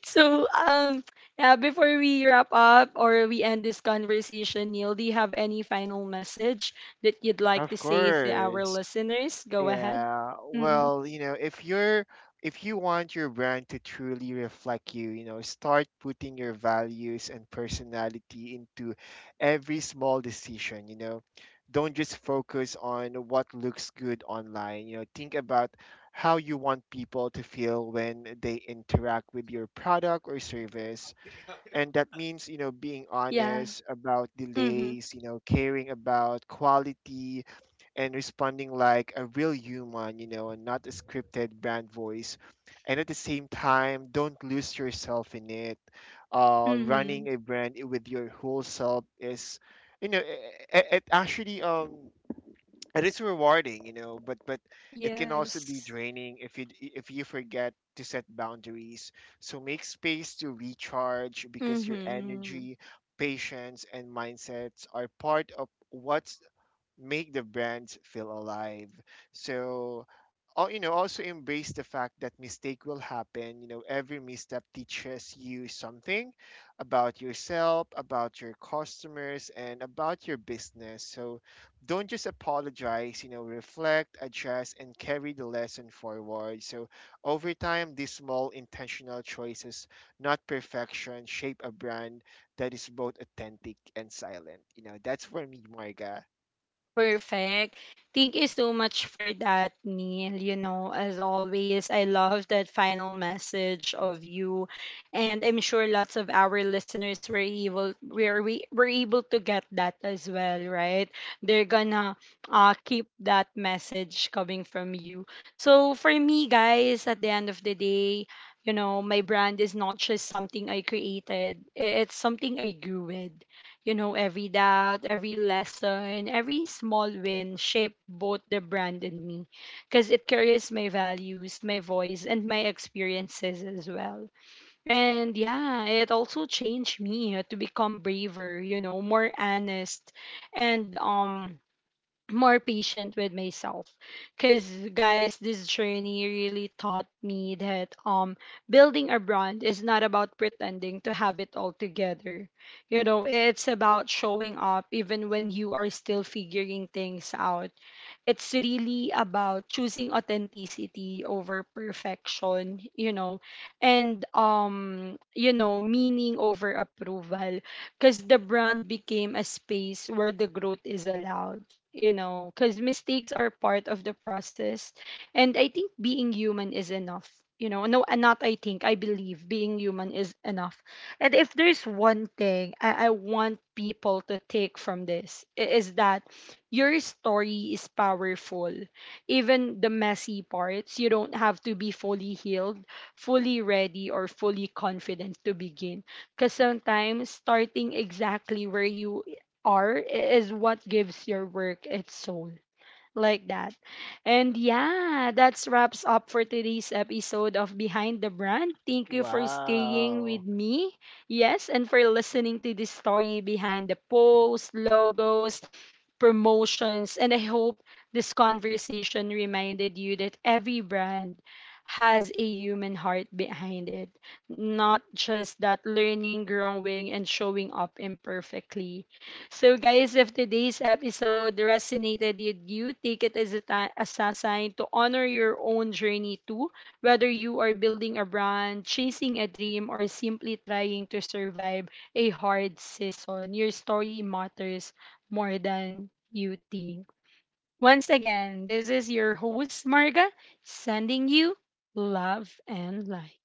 Speaker 1: So yeah, before we wrap up or we end this conversation, Neil, do you have any final message that you'd like to
Speaker 2: Of
Speaker 1: say to our
Speaker 2: course.
Speaker 1: listeners? Go ahead.
Speaker 2: Yeah,
Speaker 1: Mm-hmm.
Speaker 2: well, if you want your brand to truly reflect you, start putting your values and personality into every small decision. Don't just focus on what looks good online, think about how you want people to feel when they interact with your product or service. And that means, being
Speaker 1: Yeah.
Speaker 2: honest about
Speaker 1: Mm-hmm.
Speaker 2: delays, caring about quality, and responding like a real human, and not a scripted brand voice. And at the same time, don't lose yourself in it.
Speaker 1: Mm-hmm.
Speaker 2: Running a brand with your whole self is, you know, it, it actually um it is rewarding, but it can also be
Speaker 1: Yes.
Speaker 2: draining if you if you forget to set boundaries. So make space to recharge, because your
Speaker 1: Mm-hmm.
Speaker 2: energy, patience, and mindsets are part of what make the brands feel alive. So, also embrace the fact that mistake will happen. Every misstep teaches you something about yourself, about your customers, and about your business. So don't just apologize. Reflect, address, and carry the lesson forward. So, over time, these small intentional choices, not perfection, shape a brand that is both authentic and silent. That's for me, Marga.
Speaker 1: Perfect. Thank you so much for that, Neil. As always, I love that final message of you. And I'm sure lots of our listeners were able were we were able to get that as well, right? They're gonna keep that message coming from you. So for me, guys, at the end of the day, my brand is not just something I created. I- It's something I grew with. You know, every doubt, every lesson, every small win shaped both the brand and me, because it carries my values, my voice, and my experiences as well. And yeah, it also changed me, to become braver, more honest, and more patient with myself, because, guys, this journey really taught me that, building a brand is not about pretending to have it all together. You know, it's about showing up even when you are still figuring things out. It's really about choosing authenticity over perfection. And meaning over approval, because the brand became a space where the growth is allowed, because mistakes are part of the process. And I think being human is enough. No, not I think, I believe being human is enough. And if there's one thing I want people to take from this, is that your story is powerful, even the messy parts. You don't have to be fully healed, fully ready, or fully confident to begin, because sometimes starting exactly where you are is what gives your work its soul. Like that. And yeah, that's wraps up for today's episode of Behind the Brand. Thank you for staying
Speaker 2: Wow.
Speaker 1: with me. Yes, and for listening to the story behind the posts, logos, promotions. And I hope this conversation reminded you that every brand has a human heart behind it, not just that learning, growing, and showing up imperfectly. So, guys, if today's episode resonated with you, take it as as a sign to honor your own journey too, whether you are building a brand, chasing a dream, or simply trying to survive a hard season. Your story matters more than you think. Once again, this is your host, Marga, sending you love and light.